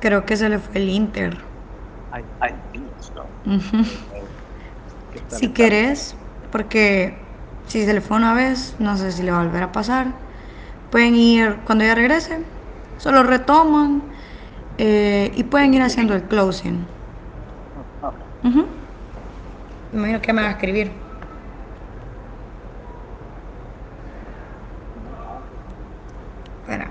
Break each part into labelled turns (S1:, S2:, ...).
S1: Creo que se le fue el Inter. Si querés, porque si se le fue una vez, no sé si le va a volver a pasar. Pueden ir cuando ella regrese, solo retoman, y pueden ir haciendo el closing. Me imagino que me va a escribir. Espera.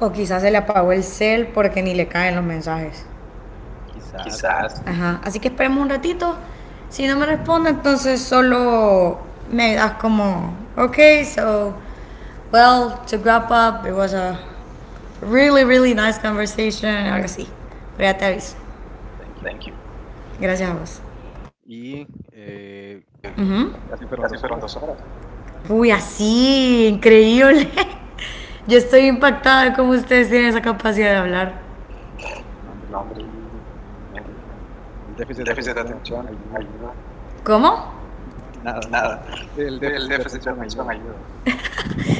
S1: O quizás se le apagó el cel porque ni le caen los mensajes. Ajá, así que esperemos un ratito. Si no me responde, entonces solo me ayudas como, okay, so, well, to wrap up, it was a really, really nice conversation, algo así. Pero ya te aviso. Gracias a vos. Ujú. Uy, así, increíble. Yo estoy impactada de cómo ustedes tienen esa capacidad de hablar. ¿Cómo?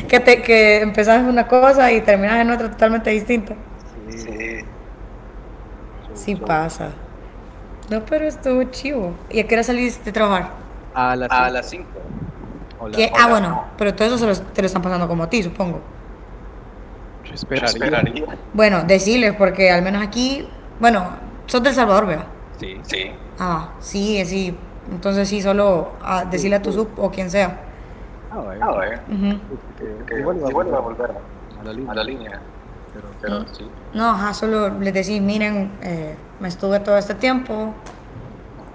S1: Que empezás una cosa y terminas en otra totalmente distinta. Sí pasa. No, pero estuvo chivo. ¿Y a qué hora saliste a trabajar? ¿Qué? Ah, bueno, pero todo eso te lo están pasando como a ti, supongo. Bueno, decirles, porque al menos aquí, bueno, sos del Salvador, ¿verdad? Ah, sí, sí. Entonces sí, solo decirle a tu sub o quien sea. Ujú. No, ajá, solo les decís, miren, me estuve todo este tiempo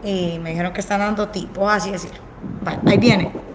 S1: y me dijeron que están dando tipos, así decir. Vale, ahí viene.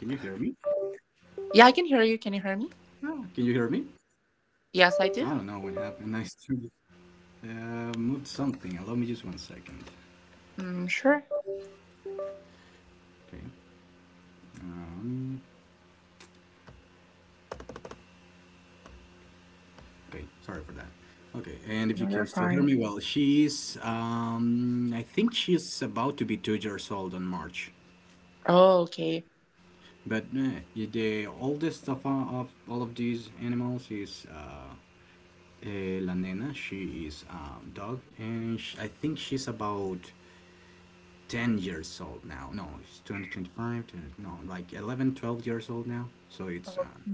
S2: Can you hear me? No. Can you hear me? I don't know what happened. I started, moved something. Allow me just 1 second. Okay. Okay. Sorry for that. Okay. And if you can still hear me, well, she's. I think she's about to be 2 years old on March. But yeah, the oldest of all of these animals is La Nena. She is a dog, and sh I think she's about 10 years old. Now no, he's 20, 25, 20, no, like 11 12 years old now, so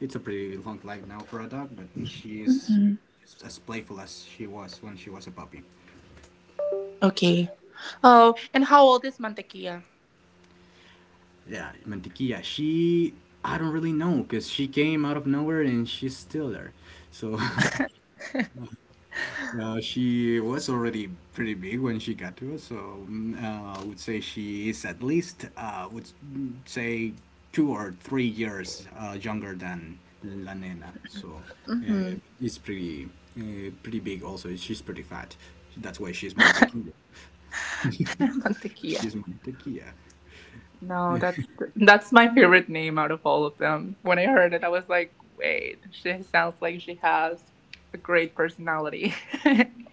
S2: it's a pretty long life now for a dog, but she is just as playful as she was when she was a puppy. Yeah, Mantequilla. She, I don't really know, because she came out of nowhere and she's still there, so. She was already pretty big when she got to us, so I would say she is at least, would say, 2 or 3 years younger than La Nena. So uh, it's pretty, pretty big. Also, she's pretty fat. That's why she's Mantequilla. She's Mantequilla.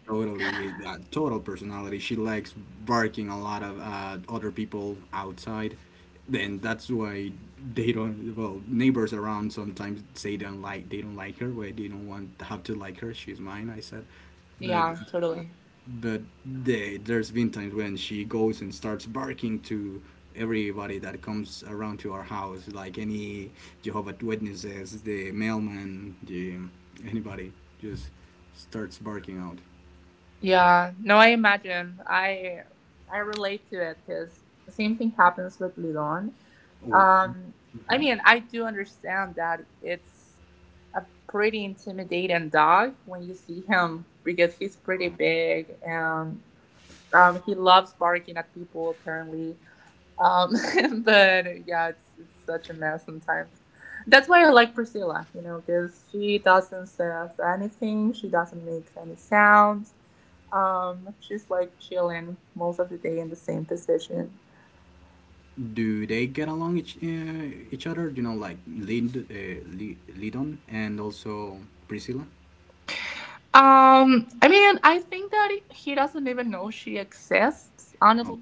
S2: Totally, that total personality. She likes barking a lot of other people outside. Then that's why they don't. Well, neighbors around sometimes say don't like they don't like her. Where they don't want have to like her. She's mine, I said, but uh, but there's been times when she goes and starts barking to everybody that comes around to our house, like any Jehovah's Witnesses, the mailman, the anybody, just starts barking out. Oh, mhm. Do they get along each other? You know, like Lidon and also Priscilla. Oh,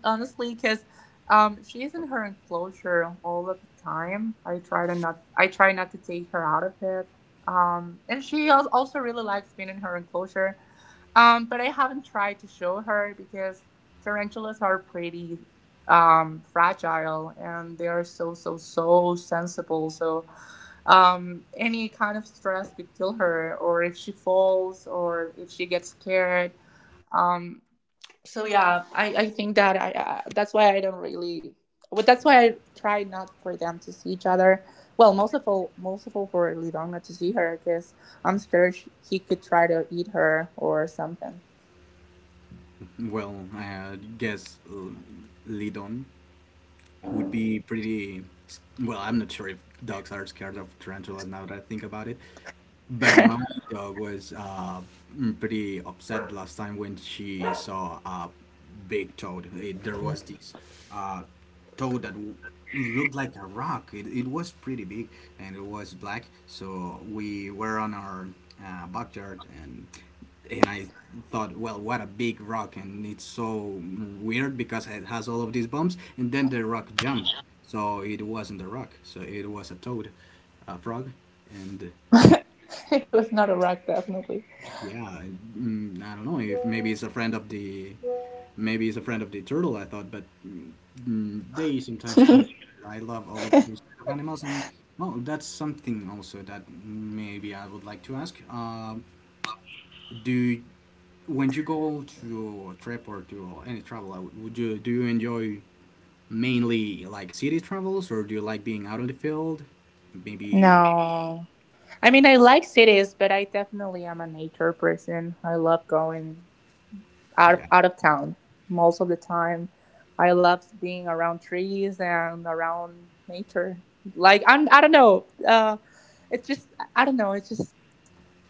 S2: well, I guess Lidon would be pretty. Well, I'm not sure if dogs are scared of tarantulas now that I think about it. But my dog was pretty upset last time when she saw a big toad. There was this uh, toad that looked like a rock. It was pretty big, and it was black. So we were on our backyard, and I thought, well, what a big rock, and it's so weird because it has all of these bumps, and then the rock jumped, so it wasn't a rock, so it was a toad, a frog, and yeah, I don't know if maybe it's a friend of the turtle, I thought. But they sometimes come. I love all of those kind of animals, and oh, that's something also that maybe I would like to ask. Do, when you go to a trip or to any travel out, would you do you enjoy mainly like city travels, or do you like being out on the field? Maybe. Yeah.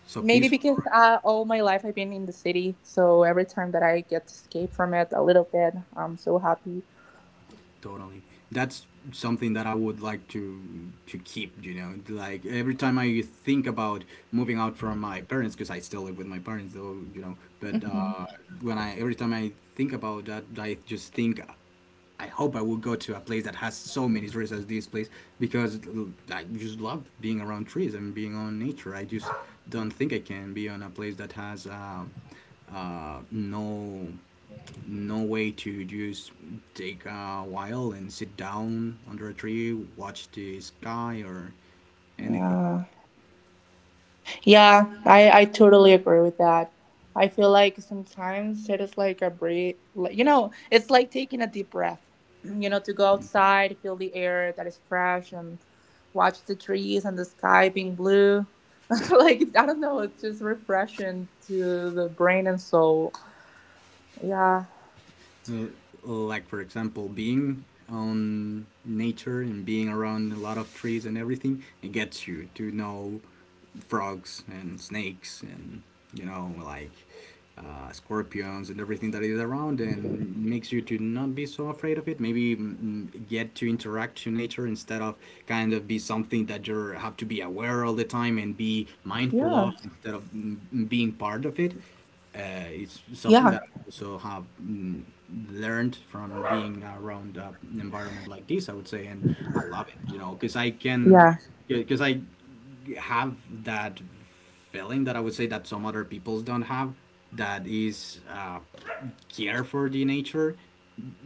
S2: So peaceful, right? Totally. That's something that I would like to keep. You know, like every time I think about moving out from my parents, because I still live with my parents, though. You know, but when I every time I think about that, I just think, I hope I will go to a place that has so many trees as this place, because I just love being around trees and being on nature. I just don't think I can be on a place that has no, no way to just take a while and sit down under a tree, watch the sky or anything. Like, for example, being on nature and being around a lot of trees and everything, it gets you to know frogs and snakes and, you know, like, scorpions and everything that is around, and makes you to not be so afraid of it. Maybe get to interact to nature, instead of kind of be something that you have to be aware all the time and be mindful of, instead of being part of it. uh, it's something that I also have learned from being around an environment like this, I would say, and I love it, you know, because because I have that feeling that I would say that some other peoples don't have, that is care for the nature.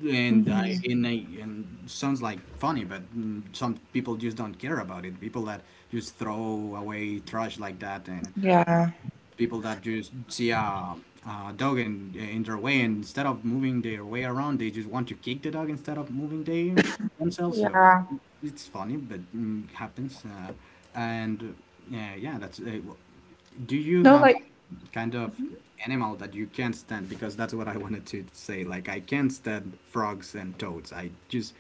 S2: And sounds like funny, but some people just don't care about it. People that just throw away trash like that, and people that just see a dog in their way, and instead of moving their way around, they just want to kick the dog instead of moving they themselves. So it's funny, but happens. And Yeah, that's do you have a kind of animal that you can't stand? Because that's what I wanted to say. Like, I can't stand frogs and toads.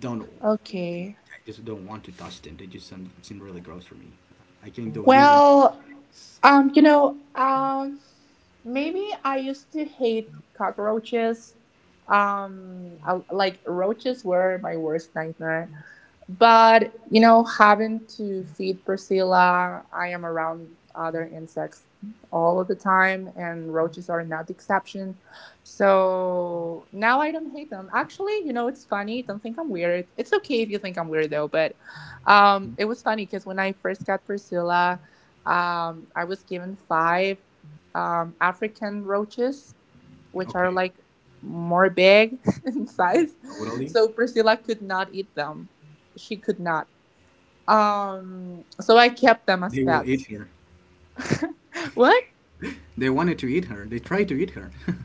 S2: don't I just don't want to touch them. They just seem really gross for me. I can do lizards. Okay, totally. They will eat her. They wanted to eat her. They tried to eat her.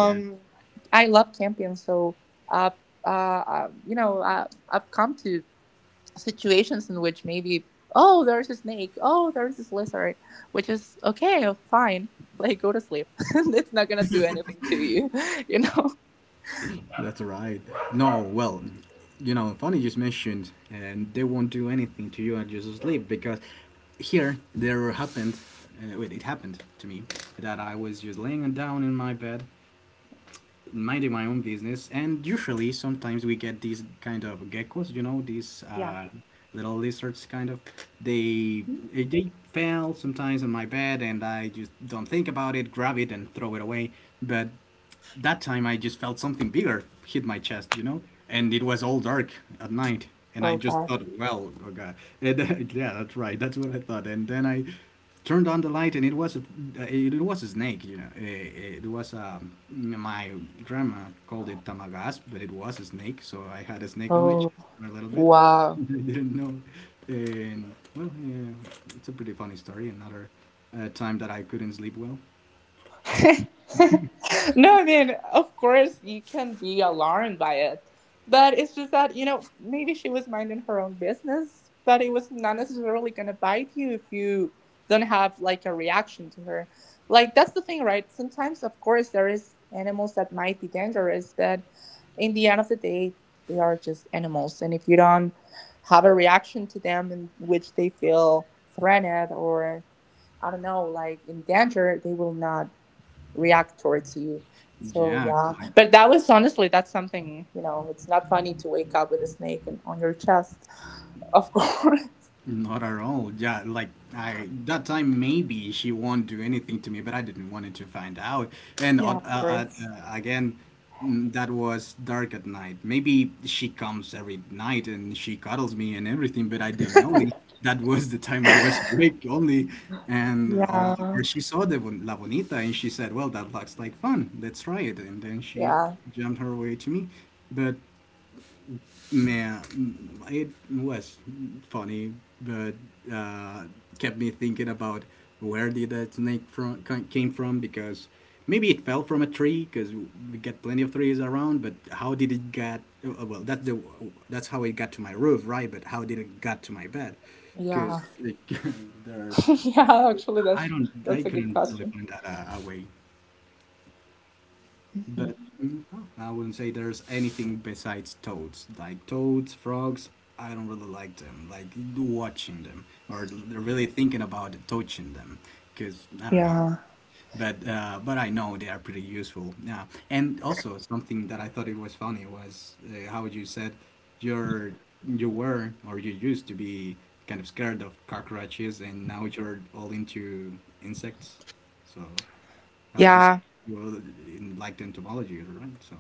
S2: Yeah, that's right. No, well, you know, funny you just mentioned, and they won't do anything to you and just sleep. Because here there happened. Wait, it happened to me that I was just laying down in my bed minding my own business, and usually sometimes we get these kind of geckos, you know, these little lizards kind of. they they fell sometimes on my bed, and I just don't think about it, grab it and throw it away. But that time I just felt something bigger hit my chest, you know, and it was all dark at night, and I just thought, well, oh god. And, yeah, that's right, that's what I thought, and then I turned on the light, and it was a snake, you know, it was my grandma called it tamagas, but it was a snake, so I had a snake on my chest for a little bit. I didn't know, and well, yeah, it's a pretty funny story. Another time that I couldn't sleep well. Yeah, like, not at all. Yeah, like, I, that time maybe she won't do anything to me, but I didn't want it to find out. And again, that was dark at night. Maybe she comes every night and she cuddles me and everything, but I didn't notice. That was the time I was awake only, and or she saw the La Bonita and she said, "Well, that looks like fun. Let's try it." And then she jumped her way to me, but, man, it was funny, but uh, kept me thinking about where did that snake from came from, because maybe it fell from a tree, because we got plenty of trees around. But how did it get? Well, that's how it got to my roof, right? But how did it got to my bed? Because there's I don't I couldn't really find that a way. But mm, I wouldn't say there's anything besides toads. Like toads, frogs, I don't really like them. Like watching them or really thinking about touching them, because I don't know, but I know they are pretty useful now. And also something that I thought it was funny was how you said you're you were, or you used to be, kind of scared of cockroaches, and now you're all into insects. So I just you were in like entomology, right? So,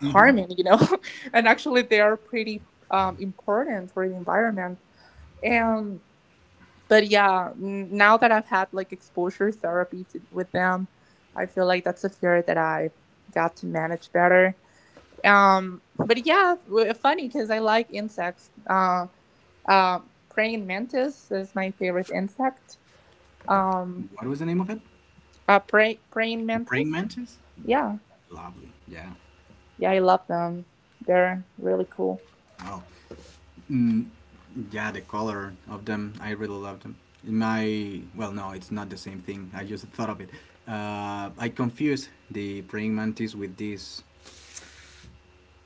S2: hmm, what was the name of it? The praying mantis. Lovely. Yeah. Oh. Yeah, the color of them, I really love them. My Well, no, it's not the same thing. I just thought of it. I confuse the praying mantis with this.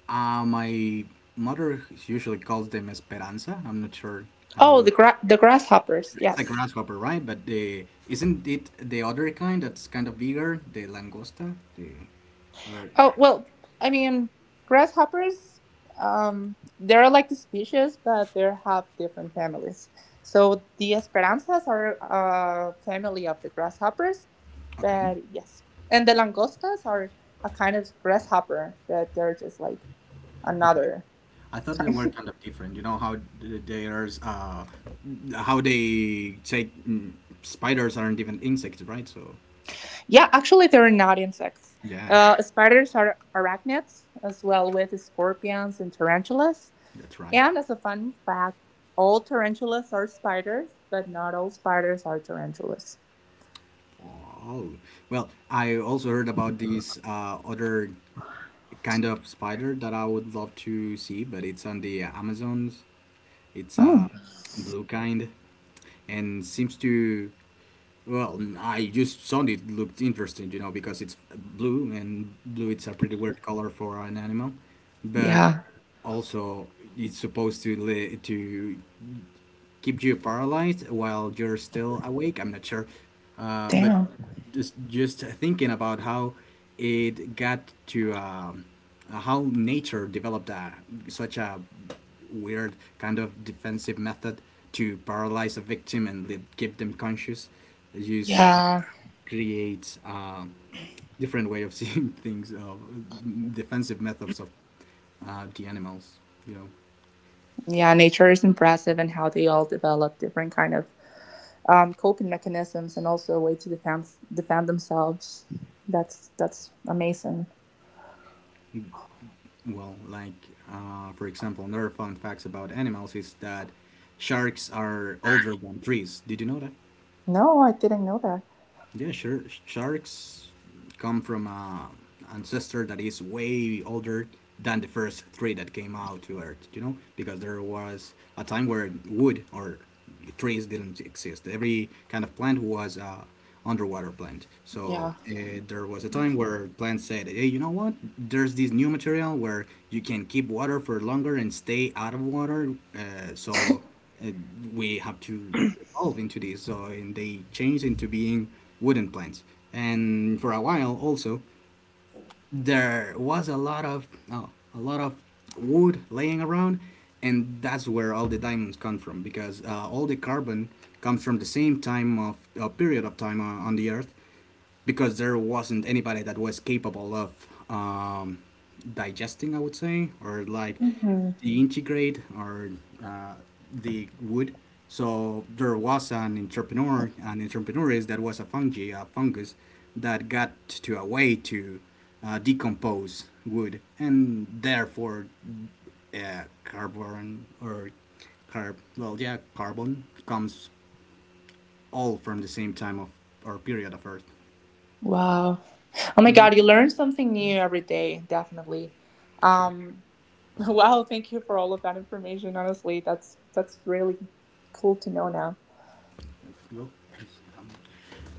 S2: My mother usually calls them esperanza. I'm not sure how. It's like a grasshopper, right? But the isn't it the other kind that's kind of bigger, the langosta? The or okay. Okay. I thought they were kind of different. You know how there's, how they say, spiders aren't even insects, right? So, yeah, that's right. Oh, well, I also heard about this other kind of spider that I would love to see, but it's on the Amazons. It's a blue kind, and seems to. Well, I just thought it looked interesting, you know, because it's blue, and blue it's a pretty weird color for an animal, but also it's supposed to keep you paralyzed while you're still awake. I'm not sure, but just thinking about how it got to how nature developed such a weird kind of defensive method to paralyze a victim and keep them conscious. Use creates a different way of seeing things, of defensive methods of the animals. You know. Well, like, for example, another fun fact about animals is that sharks are older than trees. Did you know that? Yeah, sure. Sharks come from a ancestor that is way older than the first three that came out to Earth. You know, because there was a time where wood or trees didn't exist. Every kind of plant was a underwater plant. So there was a time where plants said, "Hey, you know what? There's this new material where you can keep water for longer and stay out of water. Uh, we have to evolved into these," so, and they changed into being wooden plants. And for a while, also, there was a lot of a lot of wood laying around, and that's where all the diamonds come from, because all the carbon comes from the same time of period of time on the Earth, because there wasn't anybody that was capable of digesting, I would say, or like deintegrate, or uh, the wood. So there was an entrepreneur that was a fungi, a fungus, that got to a way to decompose wood, and therefore carbon, or well, yeah, carbon comes all from the same time of or period of Earth. Sure. Well,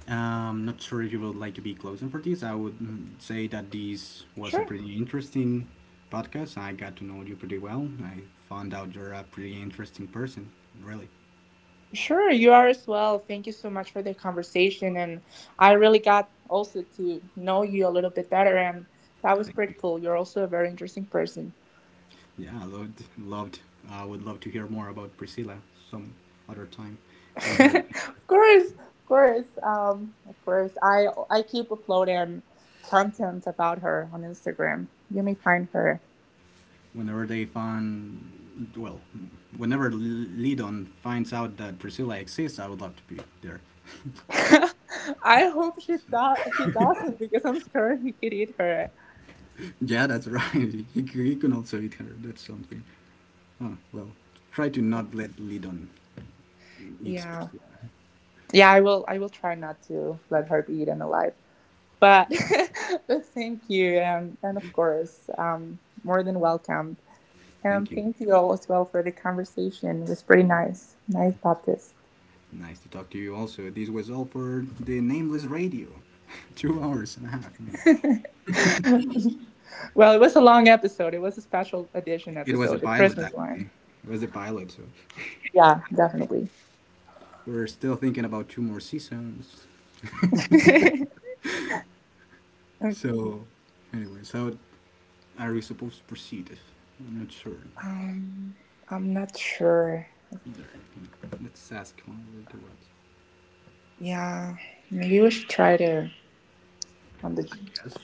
S2: I'm not sure if you would like to be closing for this. I would say that this was a pretty interesting podcast. I got to know you pretty well. I found out you're a pretty interesting person, really. Thank you. Yeah, loved. I would love to hear more about Priscilla some other time, and her whenever they find, well, whenever Lidon finds out that Priscilla exists, I would love to be there. So. Yeah, that's right. You can also eat her. That's something. Ah, well, try to not let lead on it. Thank you. Nice to talk to you also. This was all for the Nameless Radio. 2 hours and a half, maybe. It was a pilot, actually. It was a pilot, so. We're still thinking about two more seasons. So, anyways, how are we supposed to proceed? I'm not sure either. Let's ask one of the ones. I guess.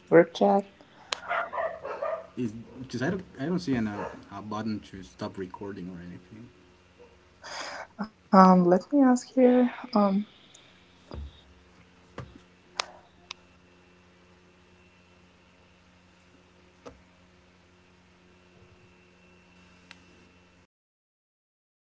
S2: Is, because I don't see an a button to stop recording or anything.